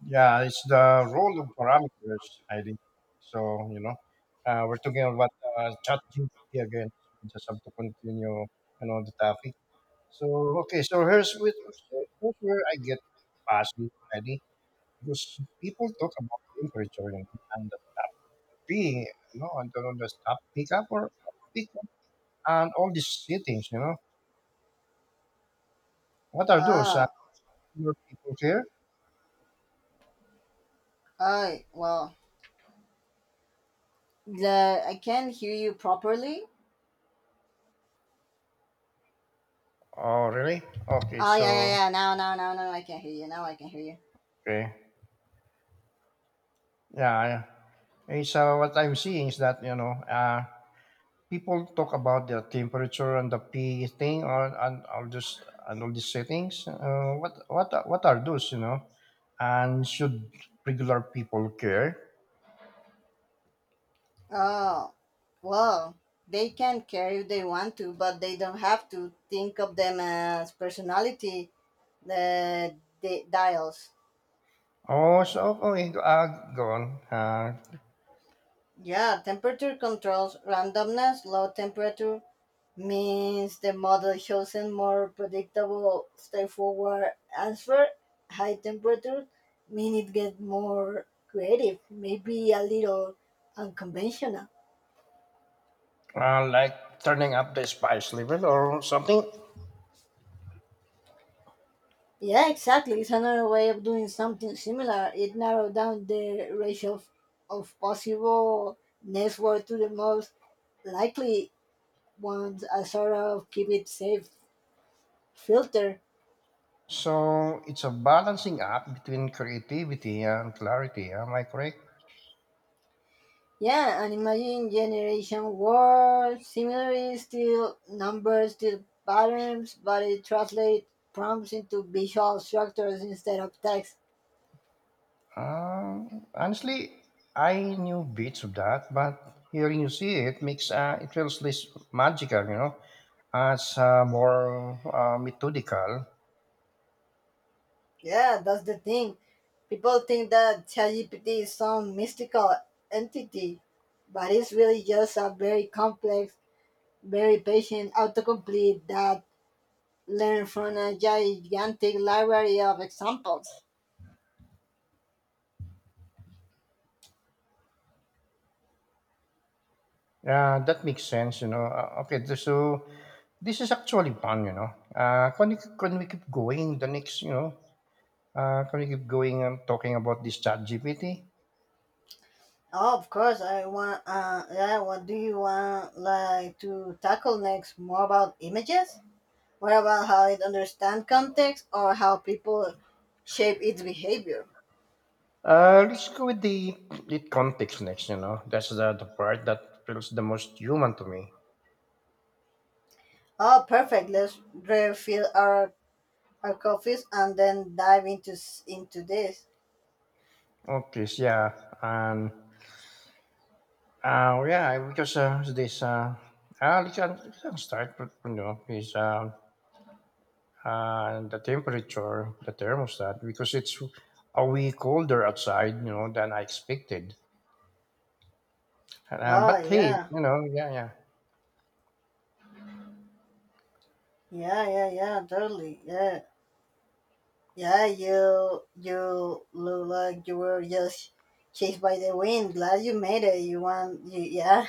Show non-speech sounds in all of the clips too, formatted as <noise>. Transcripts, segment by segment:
Yeah, it's the role of parameters, Heidi. So, you know, we're talking about chat again. We just have to continue, the topic. So, okay, so, here's where I get puzzled, Heidi, because people talk about temperature, and the tap being, and the tap pickup or tap pickup and all these settings, you know. What are those? Ah, Your people here? hi. Well, the I can't hear you properly. Oh, really? Okay, Oh yeah, yeah, so, yeah. Now, I can hear you. Now I can hear you. okay. Yeah, I- it's what I'm seeing is that, people talk about the temperature and the P thing or and all this and all these settings. What are those? You know, and should regular people care? Oh, well, they can care if they want to, but they don't have to think of them as personality the dials. Oh, so okay, go- uh, Go on. Uh, Yeah, temperature controls randomness, low temperature means the model chosen more predictable, straightforward answer. High temperature mean it get more creative, maybe a little unconventional. uh, like turning up the spice level or something. Yeah, exactly. It's another way of doing something similar. It narrowed down the ratio of possible network to the most likely ones, a sort of keep it safe filter. So it's a balancing act between creativity and clarity. Am I correct? Yeah, and imagine generation war similarly still numbers still patterns, but it translates prompts into visual structures instead of text. Honestly, I knew bits of that, but hearing you see it makes it feels less magical, you know, as more methodical. Yeah, that's the thing. People think that ChatGPT is some mystical entity, but it's really just a very complex, very patient autocomplete that learns from a gigantic library of examples. Yeah, that makes sense, you know. So this is actually fun, you know. Can we keep going the next, you know? Can we keep going and talking about this chat GPT? Oh, of course. I want. Yeah. What do you want, like, to tackle next? More about images? What about how it understands context or how people shape its behavior? Let's go with the it context next, you know. That's the part that feels the most human to me. Oh, perfect. Let's refill our coffees and then dive into into this. Okay, so, yeah, and because, uh, you can start with, you know, is the temperature, the thermostat, because it's a way colder outside, you know, than I expected. Oh But hey, yeah, you know, yeah, yeah. yeah, yeah, yeah. Totally. Yeah, yeah. You look like you were just chased by the wind. Glad you made it. You want. You, yeah.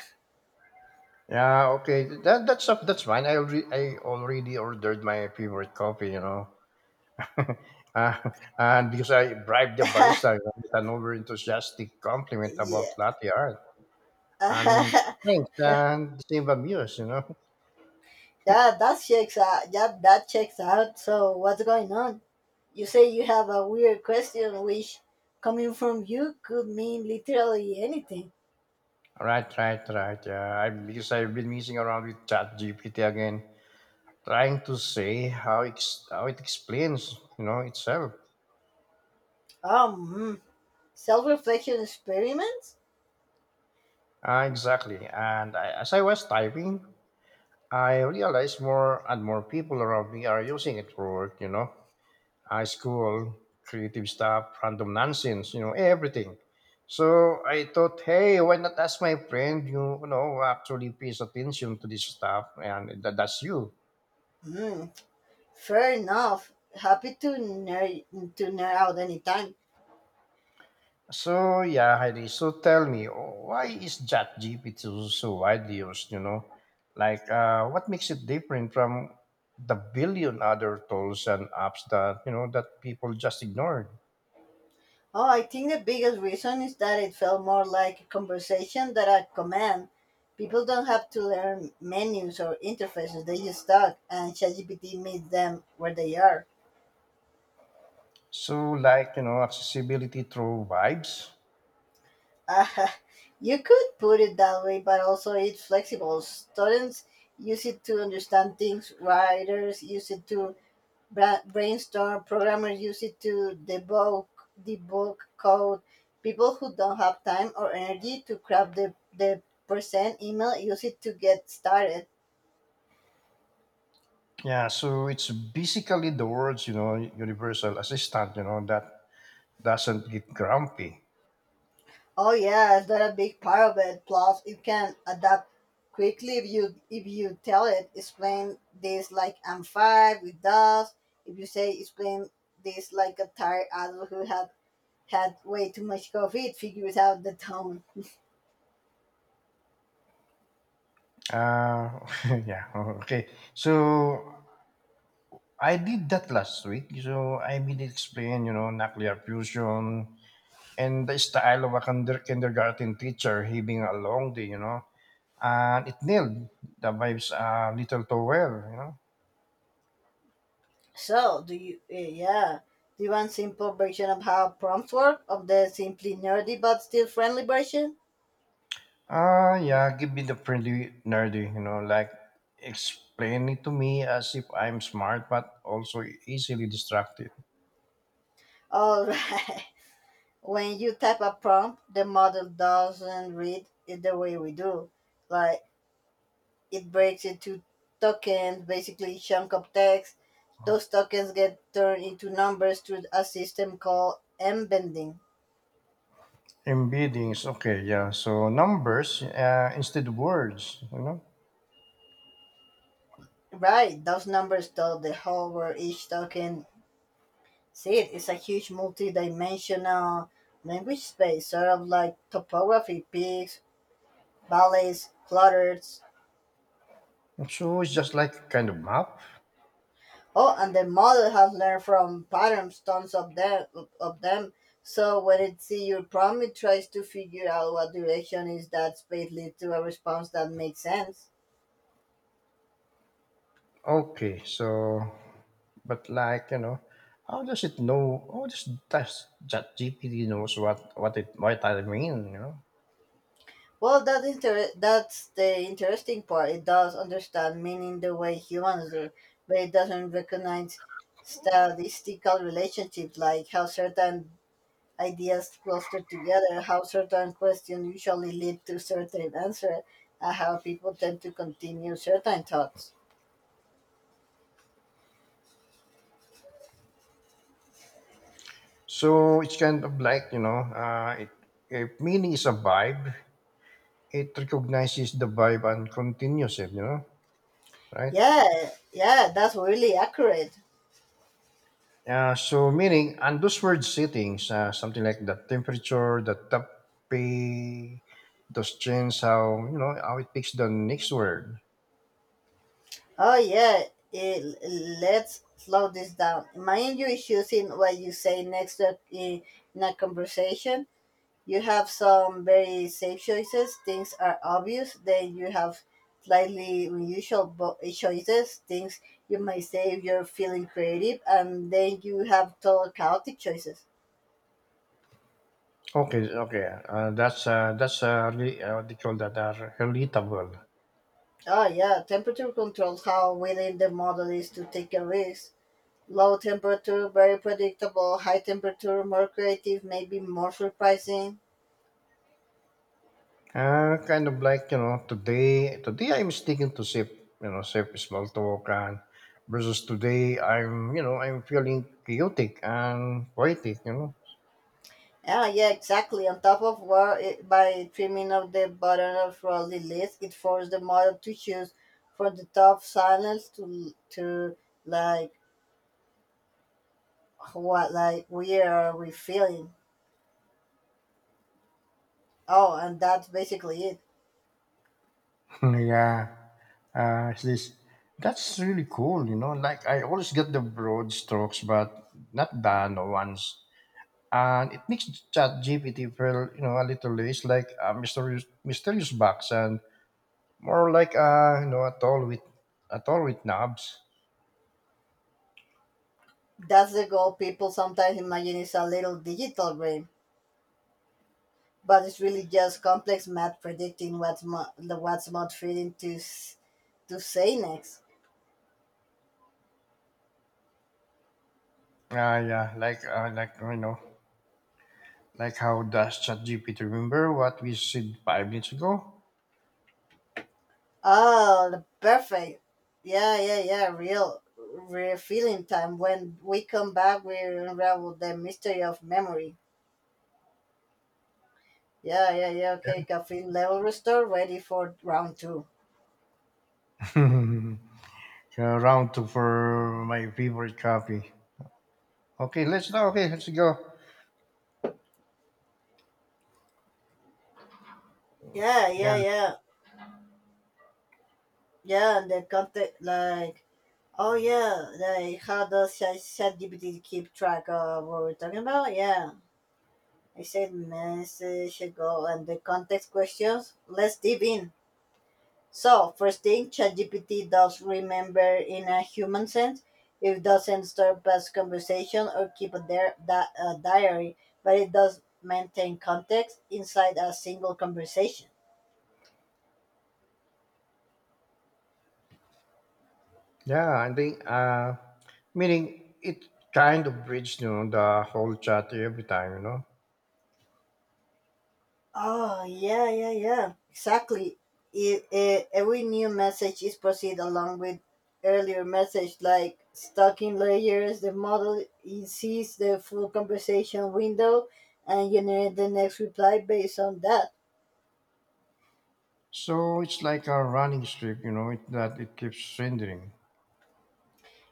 Yeah, okay. That's fine. I already ordered my favorite coffee, you know. <laughs> uh, and because I bribed the barista, <laughs> you know, with an over enthusiastic compliment about yeah. latte art. <laughs> And yeah, thanks, and same amuse, you know. that checks out. Yeah, that checks out. So what's going on? You say you have a weird question, which, coming from you, could mean literally anything. Right, right, right. Yeah, because I've been messing around with ChatGPT again, trying to see how it explains, you know, itself. Hmm. Self-reflection experiments. Exactly. And as I was typing, I realized more and more people around me are using it for work. You know, high school, creative stuff, random nonsense. You know, everything. So I thought, hey, why not ask my friend? You know, who actually pays attention to this stuff, and that's you. Hmm. Fair enough. Happy to nerd out anytime. So yeah, Heidi. So tell me, why is ChatGPT so widely used? You know, like, what makes it different from the billion other tools and apps that, you know, that people just ignored? Oh, I think the biggest reason is that it felt more like a conversation than a command. People don't have to learn menus or interfaces, they just talk, and ChatGPT meets them where they are. So, like, you know, accessibility through vibes. Ah, <laughs> you could put it that way, but also it's flexible. Students use it to understand things, writers use it to brainstorm, programmers use it to debug debug code, people who don't have time or energy to craft the percent email use it to get started. Yeah, so it's basically the words you know, universal assistant. You know, that doesn't get grumpy. Oh yeah, it's not a big part of it, plus it can adapt quickly if you tell it explain this like I'm five with does, if you say explain this like a tired adult who had had way too much coffee, it figures out the tone. <laughs> Yeah. Okay. So I did that last week. So I did explain, you know, nuclear fusion and the style of a kindergarten teacher having a long day, you know. And it nailed the vibes a little too well, you know. So, yeah, do you want simple version of how prompts work, of the simply nerdy but still friendly version? Ah, yeah, give me the friendly nerdy, you know, like, explain it to me as if I'm smart but also easily distracted. All right. <laughs> When you type a prompt, the model doesn't read it the way we do. Like, it breaks into tokens, basically chunk of text. Those tokens get turned into numbers through a system called embedding. Embeddings, okay, yeah. So numbers, instead of words, you know. Right, those numbers tell the whole where each token. See, it is a huge multi-dimensional language space, sort of like topography, peaks, valleys, clutters. So it's just like kind of map. Oh, and the model has learned from patterns, tons of them, of them. So when it sees your problem, it tries to figure out what direction is that space leads to a response that makes sense. Okay, so, but like, you know, how does it know? How does ChatGPT knows what it, what I mean? You know, Well, that's the interesting part. It does understand meaning the way humans do, but it doesn't recognize statistical relationships like how certain ideas clustered together, how certain questions usually lead to certain answers, and how people tend to continue certain thoughts. so it's kind of like, you know, it if meaning is a vibe, it recognizes the vibe and continues it. You know, right? Yeah, yeah, that's really accurate. So meaning and those word settings, something like the temperature, the topic, those change, how you know, how it picks the next word. Oh, yeah, eh, l- let's slow this down. Imagine you is using what you say next in a conversation. You have some very safe choices, things are obvious. Then you have slightly unusual choices, things you might say if you're feeling creative. And then you have total chaotic choices. Okay, okay. That's really what they call that, relatable. Oh, yeah, temperature controls how willing the model is to take a risk. Low temperature, very predictable. High temperature, more creative, maybe more surprising. Kind of like, you know, today. Today I'm sticking to safe, you know, safe small talk, and versus today I'm, you know, I'm feeling chaotic and poetic. You know. Yeah, yeah, exactly. On top of where it, by trimming off the bottom of Raleigh list, it forced the model to choose from the top silence to like what like we are we feeling. Oh, and that's basically it. <laughs> yeah. It's this that's really cool. You know, like, I always get the broad strokes, but not the no ones. And it makes Chat GPT feel, you know, a little less like a mysterious, mysterious box and more like, you know, a doll with knobs. That's the goal. People sometimes imagine it's a little digital brain, but it's really just complex math predicting what's mo- the what's not fitting to say next. Yeah, like, you know, like, how does ChatGPT remember what we said five minutes ago? Oh, the perfect. Yeah, yeah, yeah. Real, real feeling time. When we come back, we unravel the mystery of memory. Yeah, yeah, yeah. Okay, caffeine level restore. Ready for round two. <laughs> Yeah, round two for my favorite coffee. Okay, let's now. Okay, let's go. Yeah, Yeah, yeah, yeah, yeah. And the content, like, oh yeah, like how does ChatGPT keep track of what we're talking about? Yeah, I said message ago, and the context questions. Let's deep in. So, first thing, ChatGPT does remember in a human sense. It doesn't store past conversation or keep a diary, but it does maintain context inside a single conversation. yeah. I think, meaning it kind of breeds, you know, the whole chat every time, you know. Oh, yeah, yeah, yeah. Exactly. Every new message is proceed along with earlier message, like stacking layers. The model it sees the full conversation window and generate the next reply based on that. So it's like a running strip, you know, that it keeps rendering.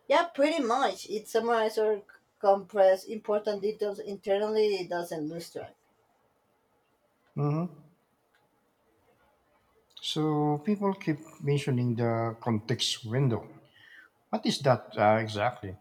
Yeah, pretty much. It summarizes or compresses important details internally. It doesn't lose track. Mm-hmm. So people keep mentioning the context window. What is that, exactly?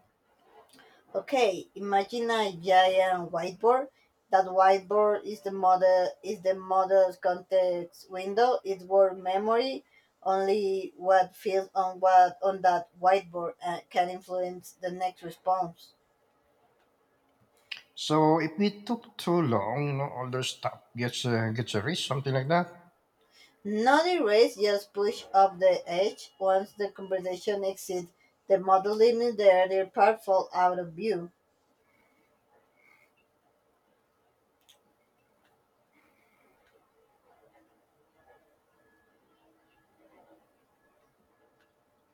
Okay, imagine a giant whiteboard. That whiteboard is the model's context window. It's word memory. Only what feels on what on that whiteboard can influence the next response. So if we took too long, you know, all the stuff gets, gets a reach, something like that. Not erase, just push up the edge. Once the conversation exceeds the model limit, the earlier part falls out of view.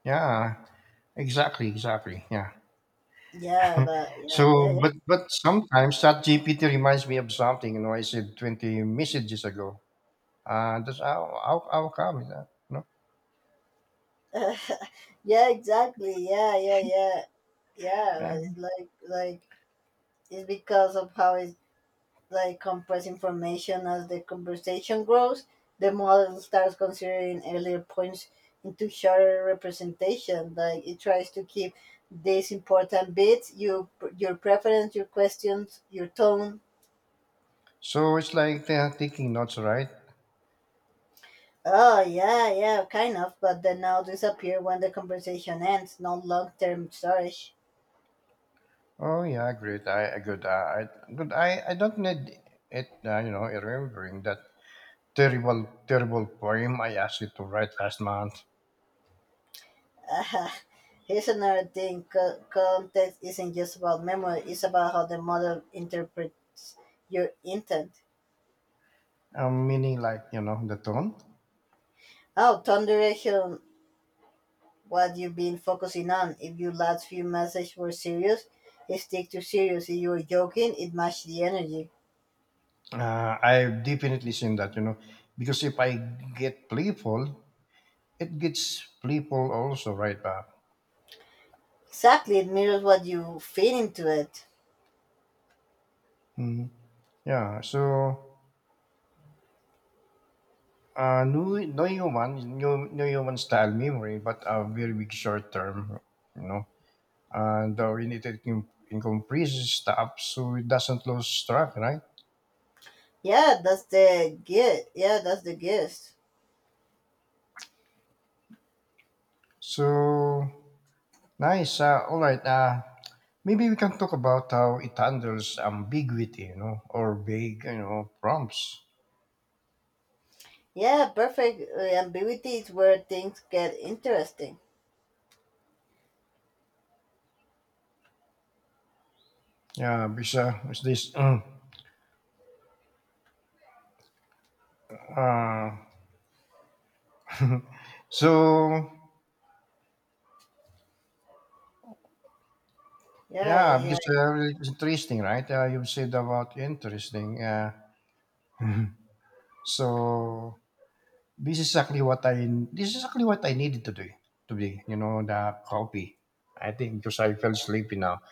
Yeah, exactly, exactly. Yeah. Yeah, So, yeah, but sometimes that GPT reminds me of something. You know, I said 20 messages ago. That's how come is that? No. yeah, <laughs> yeah, exactly. Yeah, yeah, yeah, yeah. Yeah. But it's like it's because of how it like compress information as the conversation grows. The model starts considering earlier points into shorter representation. Like, it tries to keep these important bits: you, your preference, your questions, your tone. So it's like they are taking notes, right? Oh yeah, yeah, kind of. But they now disappear when the conversation ends. No long-term storage. Oh yeah, great. I- good. I- good. I don't need it. You know, remembering that terrible, terrible poem I asked you to write last month. Uh, <laughs> Here's another thing, context isn't just about memory, it's about how the model interprets your intent. Meaning, like, you know, the tone. Oh, turn direction on what you've been focusing on. If your last few messages were serious, stick to serious. If you were joking, it matched the energy. I've definitely seen that. You know, because if I get playful, it gets playful also right back. Exactly, it mirrors what you feed into it. Mhm. Yeah. So. No human style memory, but a very big short term, you know. And we need to increase staff so it doesn't lose track, right? Yeah, that's the gift. Yeah, that's the gift. So nice. All right. Maybe we can talk about how it handles ambiguity, you know, or vague, you know, prompts. Yeah, perfect. Ambiguity is where things get interesting. Yeah, because, what's this? Uh, <laughs> so Yeah, yeah, because, yeah. It's interesting, right? You said about interesting. <laughs> So this is exactly what I needed to do today. You know, the coffee. I think because I fell sleepy now.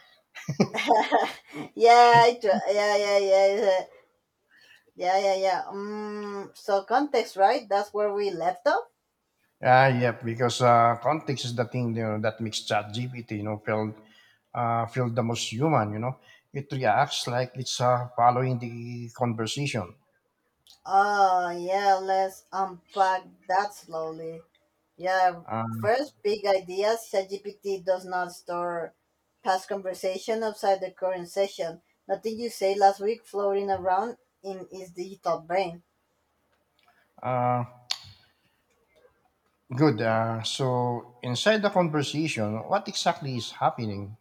<laughs> yeah, yeah, yeah, yeah, yeah, yeah, yeah. So context, right? That's where we left off. Yep. Because, context is the thing, you know, that makes ChatGPT, you know, feel, feel the most human. You know, it reacts like it's, following the conversation. Oh, yeah. Let's unpack that slowly. Yeah. Uh, First, big ideas. ChatGPT does not store past conversation outside the current session. Nothing you say last week floating around in its digital brain. uh, good. So inside the conversation, what exactly is happening?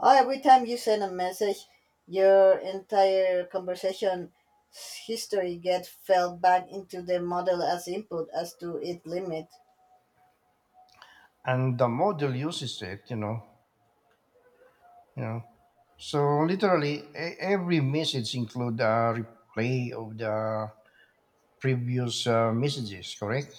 Oh, every time you send a message, your entire conversation history gets fed back into the model as input as to its limit. And the model uses it. You know, so literally, every message include a replay of the previous, messages. Correct?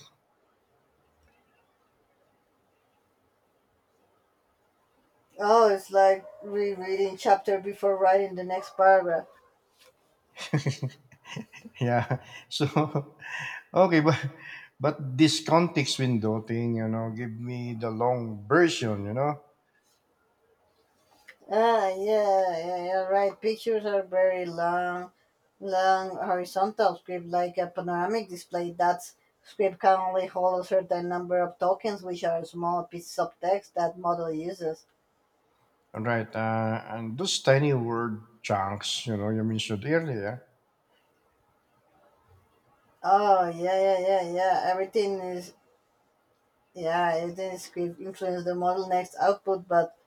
Oh, it's like rereading chapter before writing the next paragraph. <laughs> Yeah. So <laughs> okay, but this context window thing, you know, give me the long version. You know, Ah, yeah, yeah, yeah, right. Pictures are very long, long horizontal script, like a panoramic display. That script can only hold a certain number of tokens, which are small pieces of text that model uses. right? And those tiny word chunks, you know, you mentioned earlier. Oh yeah, yeah, yeah, yeah. Everything is yeah, everything is script influence the model next output, but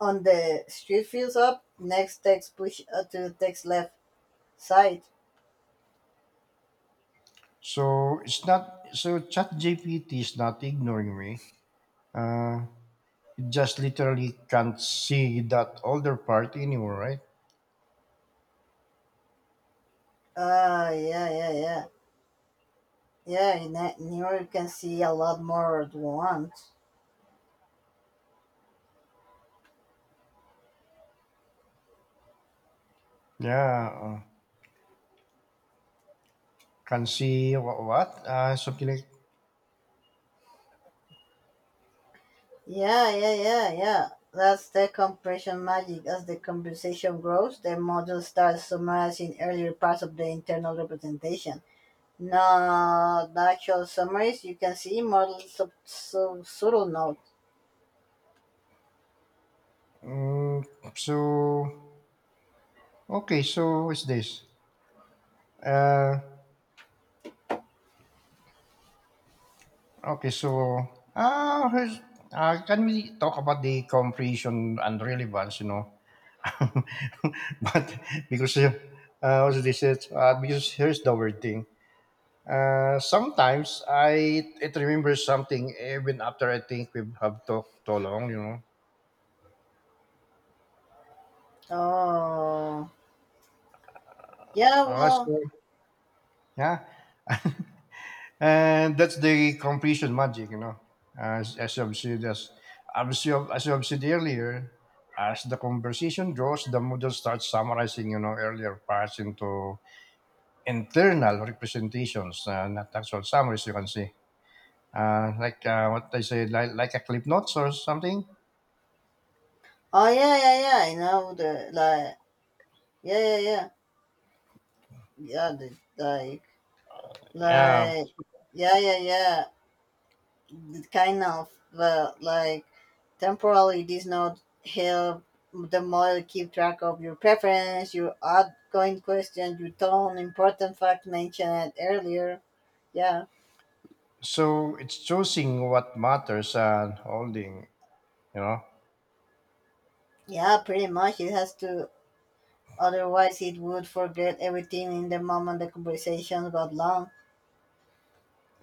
on the street fields up, next text push to the text left side. So it's not, so ChatGPT is not ignoring me. Uh, it just literally can't see that older part anymore, right? Ah yeah, yeah, yeah. Yeah, in that mirror you can see a lot more at once. Yeah, can see what, what? Something like Yeah, yeah, yeah, yeah. That's the compression magic. As the conversation grows, the model starts summarizing earlier parts of the internal representation. No, natural summaries, you can see models note. mm, so. Okay, so what's this? Uh, okay, so uh, here's, can we talk about the comprehension and relevance? You know, <laughs> but because, what's this is because here's the weird thing. Sometimes I it remembers something even after I think we have talked too long. You know. Oh, yeah, Uh, well, so yeah. And that's the completion magic, you know. As as I've said, as as I've said earlier, as the conversation goes, the model starts summarizing, you know, earlier parts into internal representations, not actual summaries. You can see, what I said, like a clip notes or something. oh, yeah, yeah, yeah, I know the, like, yeah, yeah, yeah, yeah, the, Yeah. like, yeah, yeah, yeah, the kind of, well, like, temporarily this note help the model keep track of your preference, your outgoing question, your tone, important fact mentioned earlier. Yeah. So it's choosing what matters and holding, you know. Yeah, pretty much. It has to. Otherwise, it would forget everything in the moment the conversation got long.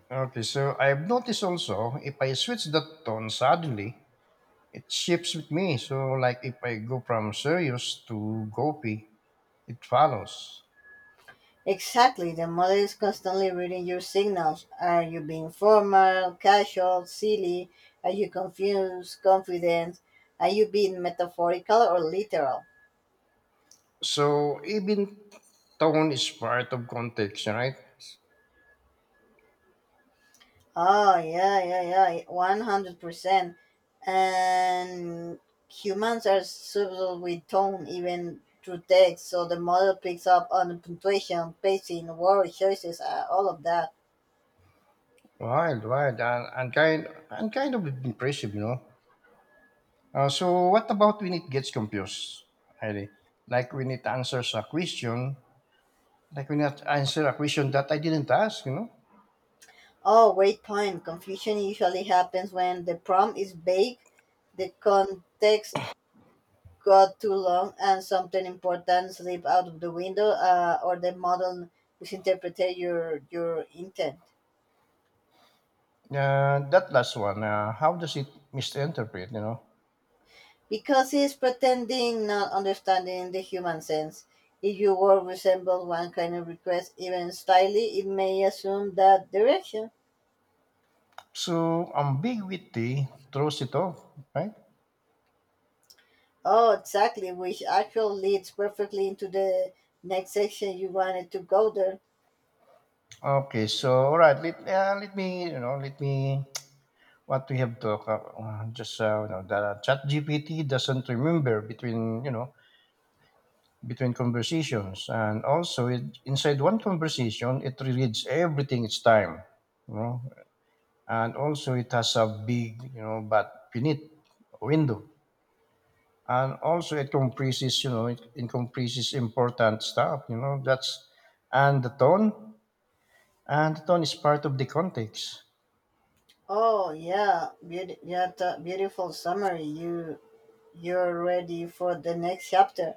Okay, so I've noticed also if I switch the tone suddenly, it shifts with me. So, like if I go from serious to goofy, it follows. Exactly, the model is constantly reading your signals. Are you being formal, casual, silly? Are you confused, confident? Are you being metaphorical or literal? So, even tone is part of context, right? Oh, yeah, yeah, yeah, 100%. And humans are subtle with tone, even through text, so the model picks up on punctuation, pacing, word choices, all of that. Wild, and kind of impressive, you know. So, what about when it gets confused, Heidi? Like when it answers a question, like when it answers a question that I didn't ask, you know. Oh, great point. Confusion usually happens when the prompt is vague, the context got too long, and something important slipped out of the window, or the model misinterpreted your intent. That last one, how does it misinterpret, you know? Because it's pretending not understanding the human sense. If your word resembles one kind of request, even slightly, it may assume that direction. So, ambiguity throws it off, right? Oh, exactly, which actually leads perfectly into the next section you wanted to go there. Okay, so, all right, let me, you know, let me what we have talked about. Just you know, the Chat GPT doesn't remember between, you know, between conversations, and also it, inside one conversation, it reads everything each time, you know, and also it has a big, you know, but finite window, and also it comprises, you know, it comprises important stuff, you know, that's, and the tone and the tone is part of the context. Oh yeah, yeah, beautiful summary. You're ready for the next chapter.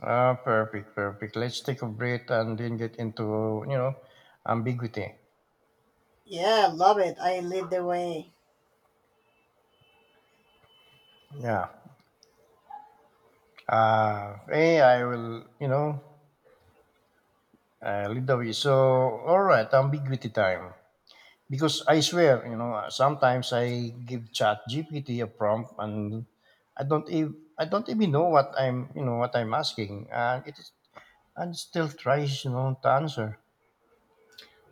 Ah, perfect, perfect. Let's take a breath and then get into, you know, ambiguity. Yeah, love it. I lead the way. Yeah. Hey, I will, you know, lead the way. So, all right, ambiguity time. Because I swear, you know, sometimes I give Chat GPT a prompt and I don't even know what I'm, you know, what I'm asking, and it still tries, you know, to answer.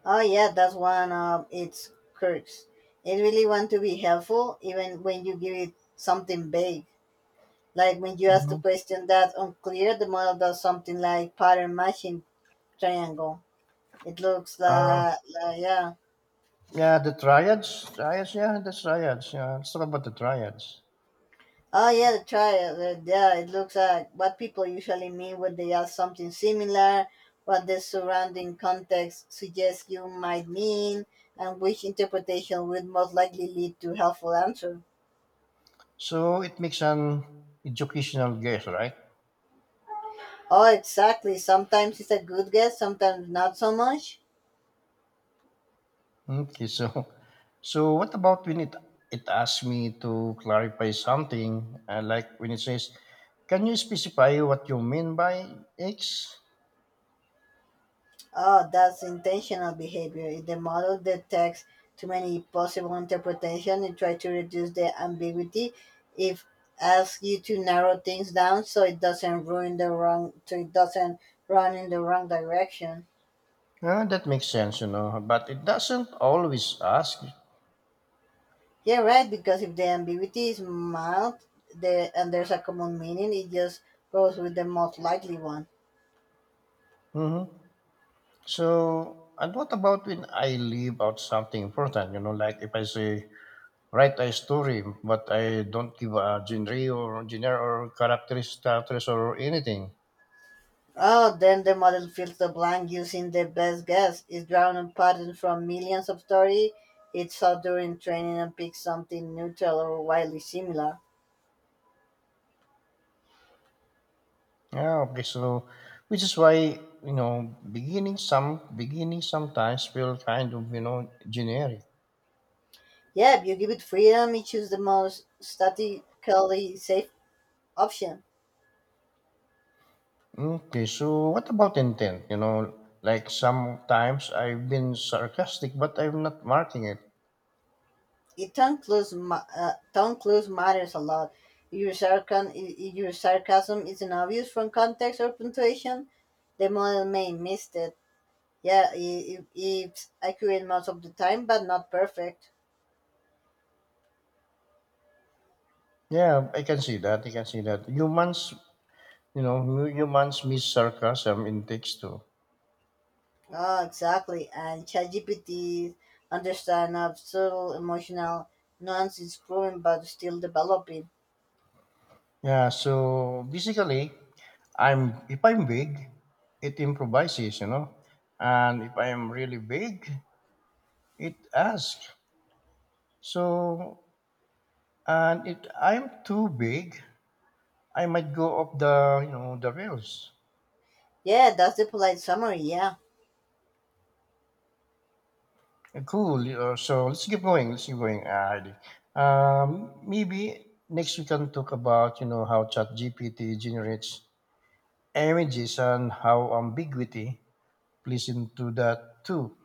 Oh yeah, that's one of its quirks. It really want to be helpful even when you give it something vague. Like when you ask a Mhm. question that's unclear, the model does something like pattern matching triangle. It looks Uh, like yeah. yeah, the triads, triads, yeah, the triads. Yeah, let's talk about the triads. Oh yeah, try it. Yeah, it looks like what people usually mean when they ask something similar, what the surrounding context suggests you might mean, and which interpretation would most likely lead to helpful answer. So it makes an educational guess, right? Oh, exactly. Sometimes it's a good guess, sometimes not so much. Okay, so <laughs> so what about when it asks me to clarify something, like when it says, "Can you specify what you mean by X?" Oh, that's intentional behavior. If the model detects too many possible interpretations, it tries to reduce the ambiguity. If asks you to narrow things down so it doesn't ruin the wrong, so it doesn't run in the wrong direction. That makes sense, you know, but it doesn't always ask. Yeah, right. Because if the ambiguity is mild, the and there's a common meaning, it just goes with the most likely one. hmm So, and what about when I leave out something important, you know, like if I say, write a story, but I don't give a genre or characters or anything. Oh, then the model fills the blank using the best guess. It draws on patterns from millions of stories it saw during training and picks something neutral or wildly similar. Yeah, okay, so which is why, you know, beginning sometimes feel kind of, you know, generic. Yeah, if you give it freedom, it chooses the most statistically safe option. Okay, so what about intent? You know, like sometimes I've been sarcastic, but I'm not marking it. It tongue clues, tongue clues matters a lot. If your sarcasm isn't obvious from context or punctuation, the model may miss it. Yeah, it's accurate most of the time, but not perfect. Yeah, I can see that. I can see that. Humans, you know, humans miss sarcasm in text too. Oh, exactly. And ChatGPT understand of subtle emotional nuance is growing but still developing. Yeah, so basically, I'm if I'm big, it improvises, you know, and if I'm really big, it asks. So, and if I'm too big, I might go off the, you know, the rails. Yeah, that's the polite summary. Yeah, Cool. So let's keep going. Let's keep going. Heidi. Maybe next we can talk about, you know, how ChatGPT generates images and how ambiguity plays into that too.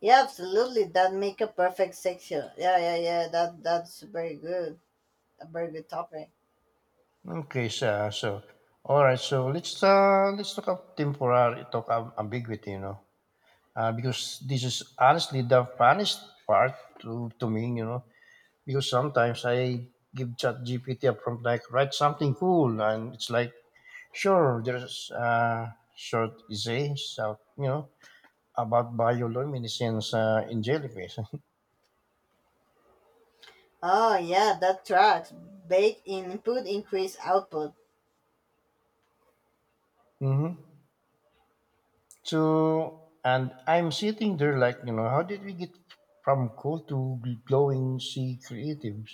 yeah, absolutely. That make a perfect section. Yeah, yeah, yeah. That's very good. A very good topic. Okay, so all right. So let's talk about temporary talk of ambiguity. You know, because this is honestly the funniest part to me. You know, because sometimes I give Chat GPT a prompt like write something cool, and it's like, sure, there's a short essay, so, you know, about bioluminescence in jellyfish. Oh yeah, that tracks. Bake input increase output. <laughs> hmm So, and I'm sitting there like, you know, how did we get from cool to glowing sea creatives?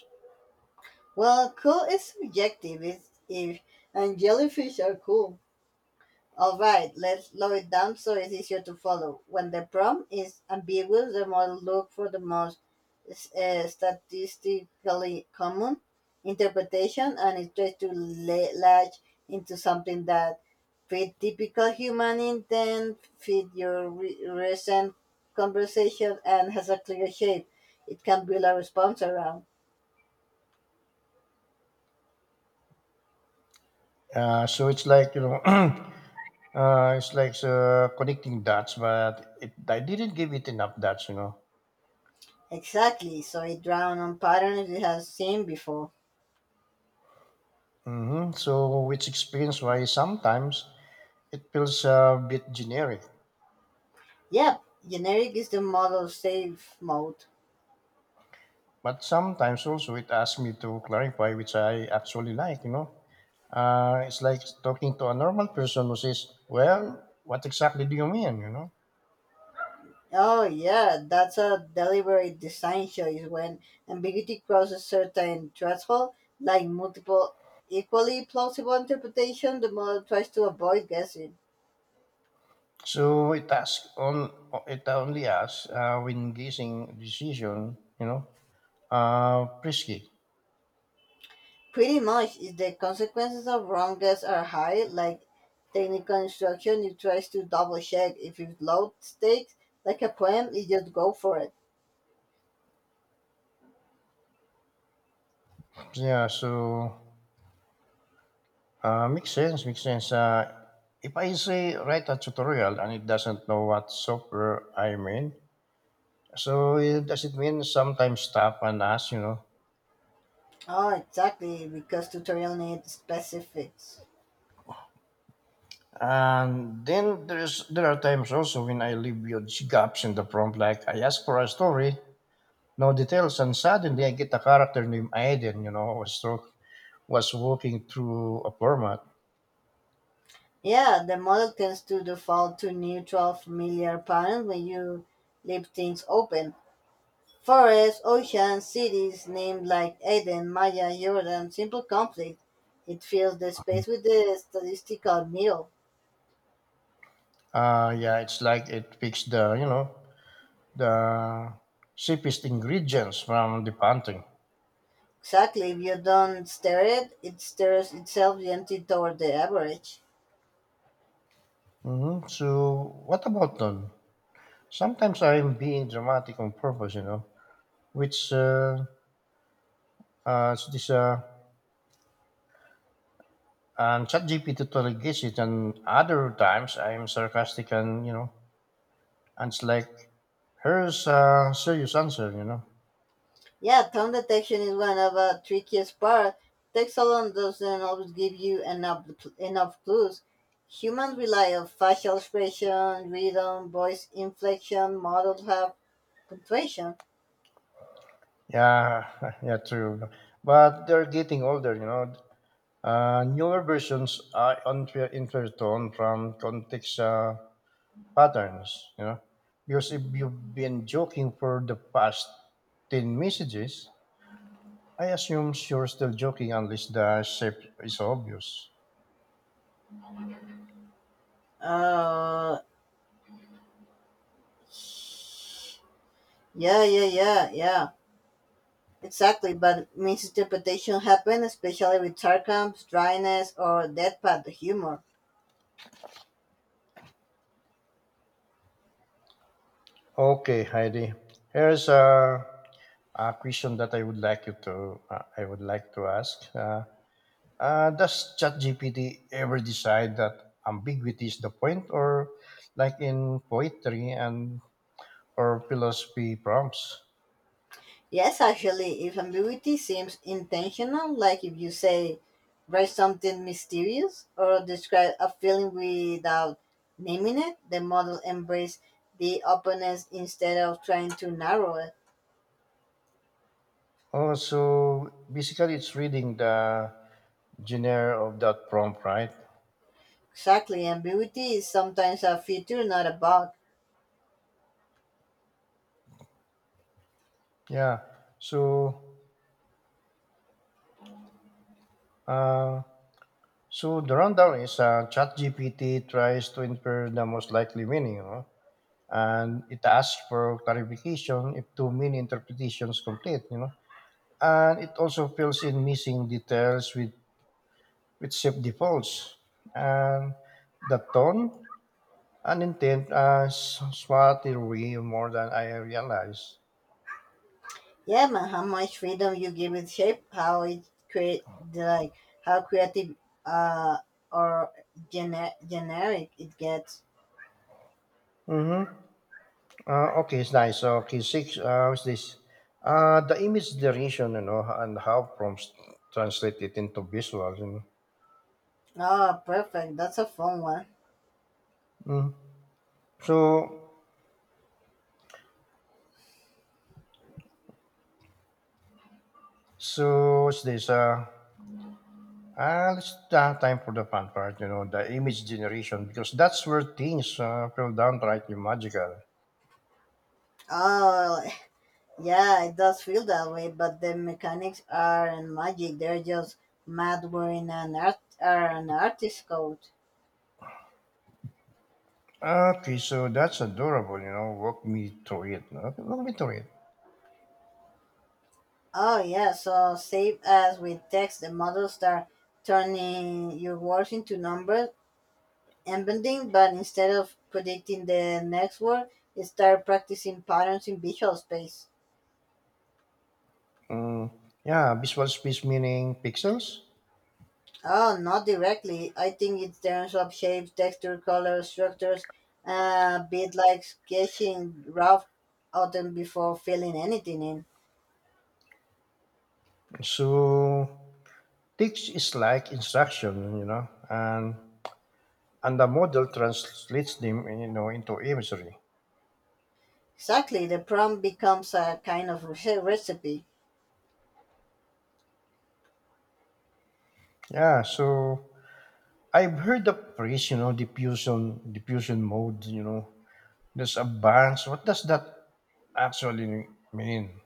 Well, cool is subjective. It's if and jellyfish are cool. All right, let's slow it down so it's easier to follow. When the prompt is ambiguous, the model looks for the most statistically common interpretation and it tries to latch into something that fit typical human intent, fit your recent conversation, and has a clear shape. It can build a response around. So it's like, you know, <clears throat> it's like connecting dots, but it, I didn't give it enough dots, you know. Exactly, so it draws on patterns it has seen before. So, which explains why sometimes it feels a bit generic, Yep, generic is the model safe mode. but sometimes also it asks me to clarify, which I actually like, you know. It's like talking to a normal person who says, well, what exactly do you mean, you know? Oh yeah, that's a deliberate design choice when ambiguity crosses certain threshold, like multiple equally plausible interpretation, the model tries to avoid guessing. So, it asks on, it only asks when guessing decision, you know, risky. Pretty much, if the consequences of wrong guess are high, like technical instruction, it tries to double check. If it's low stakes, like a poem, it just go for it. Yeah, so makes sense, makes sense. If I say write a tutorial and it doesn't know what software I'm in, so it, does it mean sometimes stop and ask, you know? Oh, exactly, because tutorial needs specifics. And then there are times also when I leave huge gaps in the prompt, like I ask for a story, no details, and suddenly I get a character named Aiden, you know, was through, was walking through a format. Yeah, the model tends to default to neutral, familiar patterns when you leave things open. Forests, oceans, cities named like Eden, Maya, Jordan, simple conflict. It fills the space with the statistical middle. Yeah, it's like it picks, the you know, the cheapest ingredients from the painting. Exactly, if you don't stare it, it stares itself gently toward the average. So, what about them? Sometimes I'm being dramatic on purpose, you know, which s- this and ChatGPT totally gets it, and other times I'm sarcastic and, you know, and it's like here's a serious answer, you know. Yeah, tone detection is one of the trickiest part. Text alone doesn't always give you enough clues. Humans rely on facial expression, rhythm, voice inflection. Models have punctuation. Yeah, <laughs> yeah, true. But they're getting older, you know. Newer versions are unfair in fair tone from context. Patterns, you know. Because if you've been joking for the past 10 messages, I assume you're still joking unless the shape is obvious. Uh, yeah, yeah, yeah, yeah. Exactly, but misinterpretation happen, especially with sarcasm, dryness, or deadpan humor. Okay, Heidi. Here's a question that I would like you to I would like to ask. Does ChatGPT ever decide that ambiguity is the point, or like in poetry and or philosophy prompts? Yes, actually, if ambiguity seems intentional, like if you say, write something mysterious or describe a feeling without naming it, the model embraces the openness instead of trying to narrow it. Oh, so basically it's reading the genre of that prompt, right? Exactly, ambiguity is sometimes a feature, not a bug. Yeah. So, uh, so the rundown is ChatGPT tries to infer the most likely meaning, you know, and it asks for clarification if two many interpretations complete, you know, and it also fills in missing details with shape defaults, and the tone and intent are smartly more than I realized. Yeah, man, how much freedom you give it shape, how it create, like, how creative uh, or generic it gets. Mm-hmm. Ah, okay, it's nice. So, okay, six, what's this? The image duration, you know, and how prompts translate it into visuals, you know. Oh, perfect. That's a fun one. Mm. So, so what's this? Let's have time for the fun part, you know, the image generation, because that's where things feel downrightly magical. Oh, Yeah, it does feel that way, but the mechanics aren't magic. They're just mad wearing an art or an artist coat. Ah, okay, so that's adorable, you know. Walk me through it. No? Okay, walk me through it. Oh yeah, so save as with text the models start turning your words into numbers and bending, but instead of predicting the next word, it start practicing patterns in visual space. Mm, yeah, visual space meaning pixels. Oh, not directly. I think in terms of shapes, texture, color, structures, a bit like sketching rough outline before filling anything in. So Teach is like instruction, you know, and the model translates them, you know, into imagery. Exactly, the prompt becomes a kind of recipe. Yeah, so I've heard the phrase, you know, diffusion mode, you know. There's a bunch. What does that actually mean?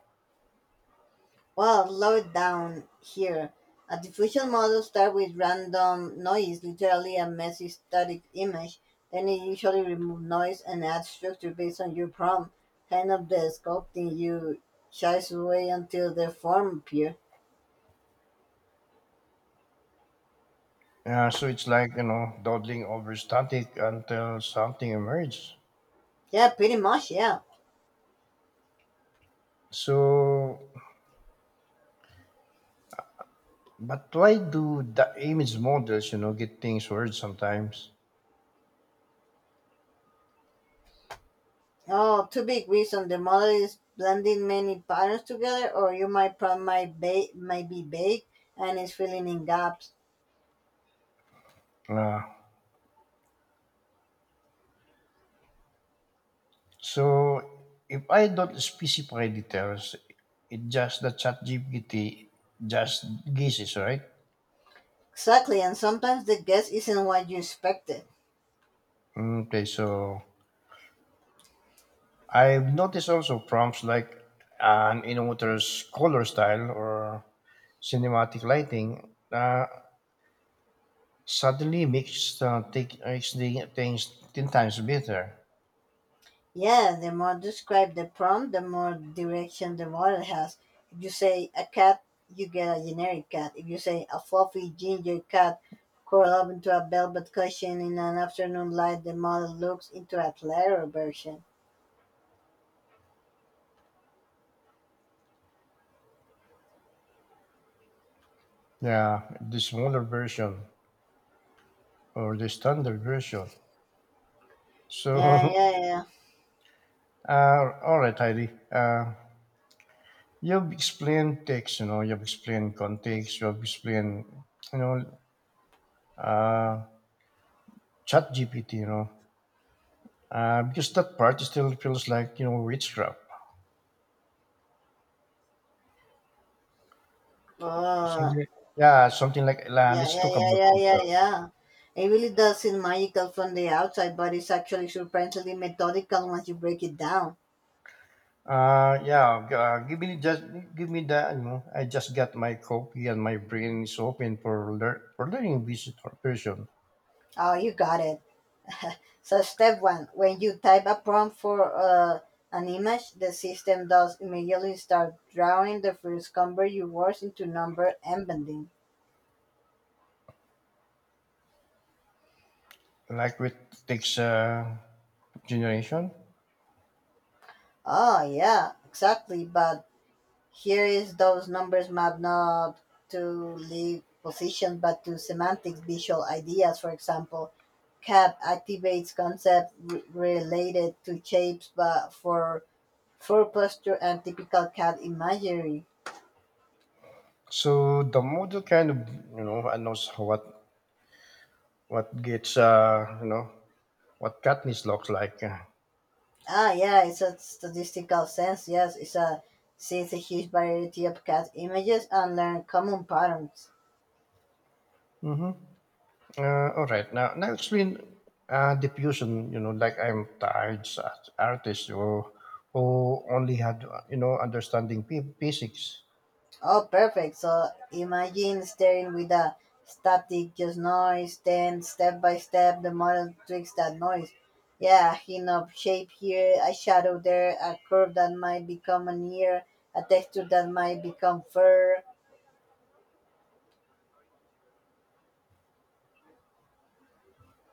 Well, slow it down here. A diffusion model starts with random noise, literally a messy static image. Then it usually removes noise and adds structure based on your prompt, kind of the sculpting you chase away until the form appears. Yeah, so it's like, you know, dawdling over static until something emerges. Yeah, pretty much, yeah. So, but why do the image models, you know, get things weird sometimes? Oh, two big reasons. The model is blending many patterns together, or you might might be vague and is filling in gaps. Uh, So if I don't specify details, it just the chat GPT just guesses, right? Exactly, and sometimes the guess isn't what you expected. Okay, so I've noticed also prompts like an innovator's color style or cinematic lighting suddenly makes the things 10 times better. Yeah, the more describe the prompt, the more direction the model has. If you say a cat, you get a generic cat. If you say a fluffy ginger cat curled up into a velvet cushion in an afternoon light, the model looks into a clearer version. Yeah, the smaller version or the standard version. Yeah, So, <laughs> yeah, yeah. All right, Heidi. You've explained text, you know, you've explained context, you've explained, you know, uh, chat GPT, you know, because that part still feels like, you know, witchcraft. Oh, Something, yeah, something like, la Yeah, let's yeah, talk yeah, about yeah, picture. yeah, yeah. It really does seem magical from the outside, but it's actually surprisingly methodical once you break it down. Yeah, give me the, you know, I just got my copy and my brain is open for, for learning visitor person, Oh, you got it. So, step one when you type a prompt for an image, the system does immediately start drawing the first convert your words into number and bending. like with text generation. Oh, yeah, exactly. But here is those numbers map not to live positions but to semantics visual ideas for example cap activates concepts related to shapes but for posture and typical cat imagery. So the model kind of, you know, knows what gets, you know, what Katniss looks like. Ah yeah, it's a statistical sense, yes. It's a sees a huge variety of cat images and learn common patterns. Mm-hmm. All right. Now explain diffusion. You know, like I'm tired as artist who only had, you know, understanding physics. Oh, perfect. So imagine steering with a static, just noise, then step by step, the model tweaks that noise. Yeah, a hint of shape here, a shadow there, a curve that might become an ear, a texture that might become fur.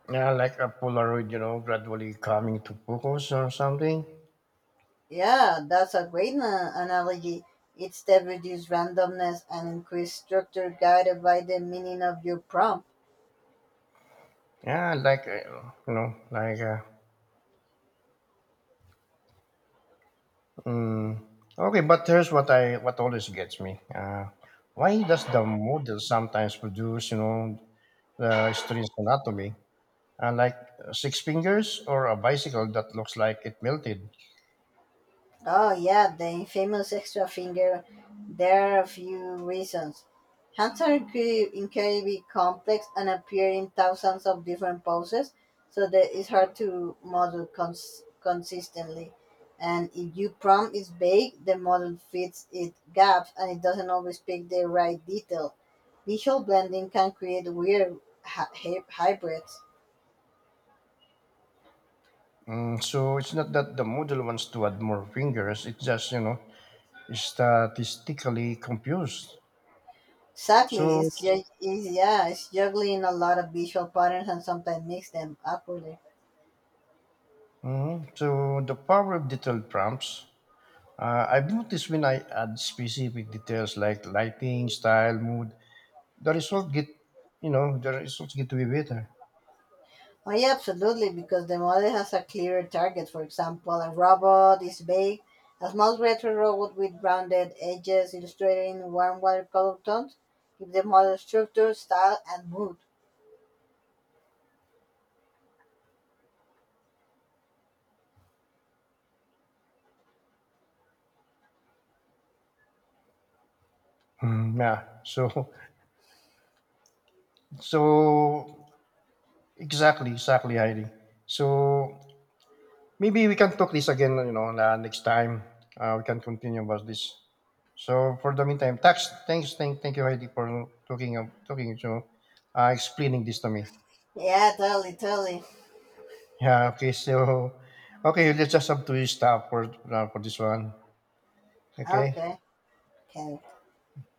Yeah, like a Polaroid. You know, gradually coming to focus or something. Yeah, that's a great analogy. It's step reduce randomness and increase structure guided by the meaning of your prompt. Yeah, like Mm, okay, but here's what I what always gets me. Why does the model sometimes produce, you know, the strange anatomy, uh, like six fingers or a bicycle that looks like it melted? Oh yeah, the infamous extra finger. There are a few reasons. Hands are incredibly complex and appear in thousands of different poses, so that it's hard to model consistently. And if your prompt is vague, the model fits its gaps and it doesn't always pick the right detail. Visual blending can create weird hybrids. Mm, so it's not that the model wants to add more fingers; it's just, you know, statistically confused. Exactly. So, It's, it's yeah, it's juggling a lot of visual patterns and sometimes mix them awkwardly. mhm, so the power of detailed prompts. I've noticed when I add specific details like lighting, style, mood, the result get you know, the results get to be better. Oh, yeah, absolutely, because the model has a clearer target. For example, a robot is vague, a small retro robot with rounded edges illustrating warm watercolor tones. Give the model structure, style, and mood. Mm, yeah, so so exactly exactly Heidi so maybe we can talk this again, you know, next time we can continue about this, so for the meantime, thank you Heidi for talking talking, you know, explaining this to me, Yeah, totally, totally. yeah okay so okay let's just have to stop for this one, okay. Okay, okay.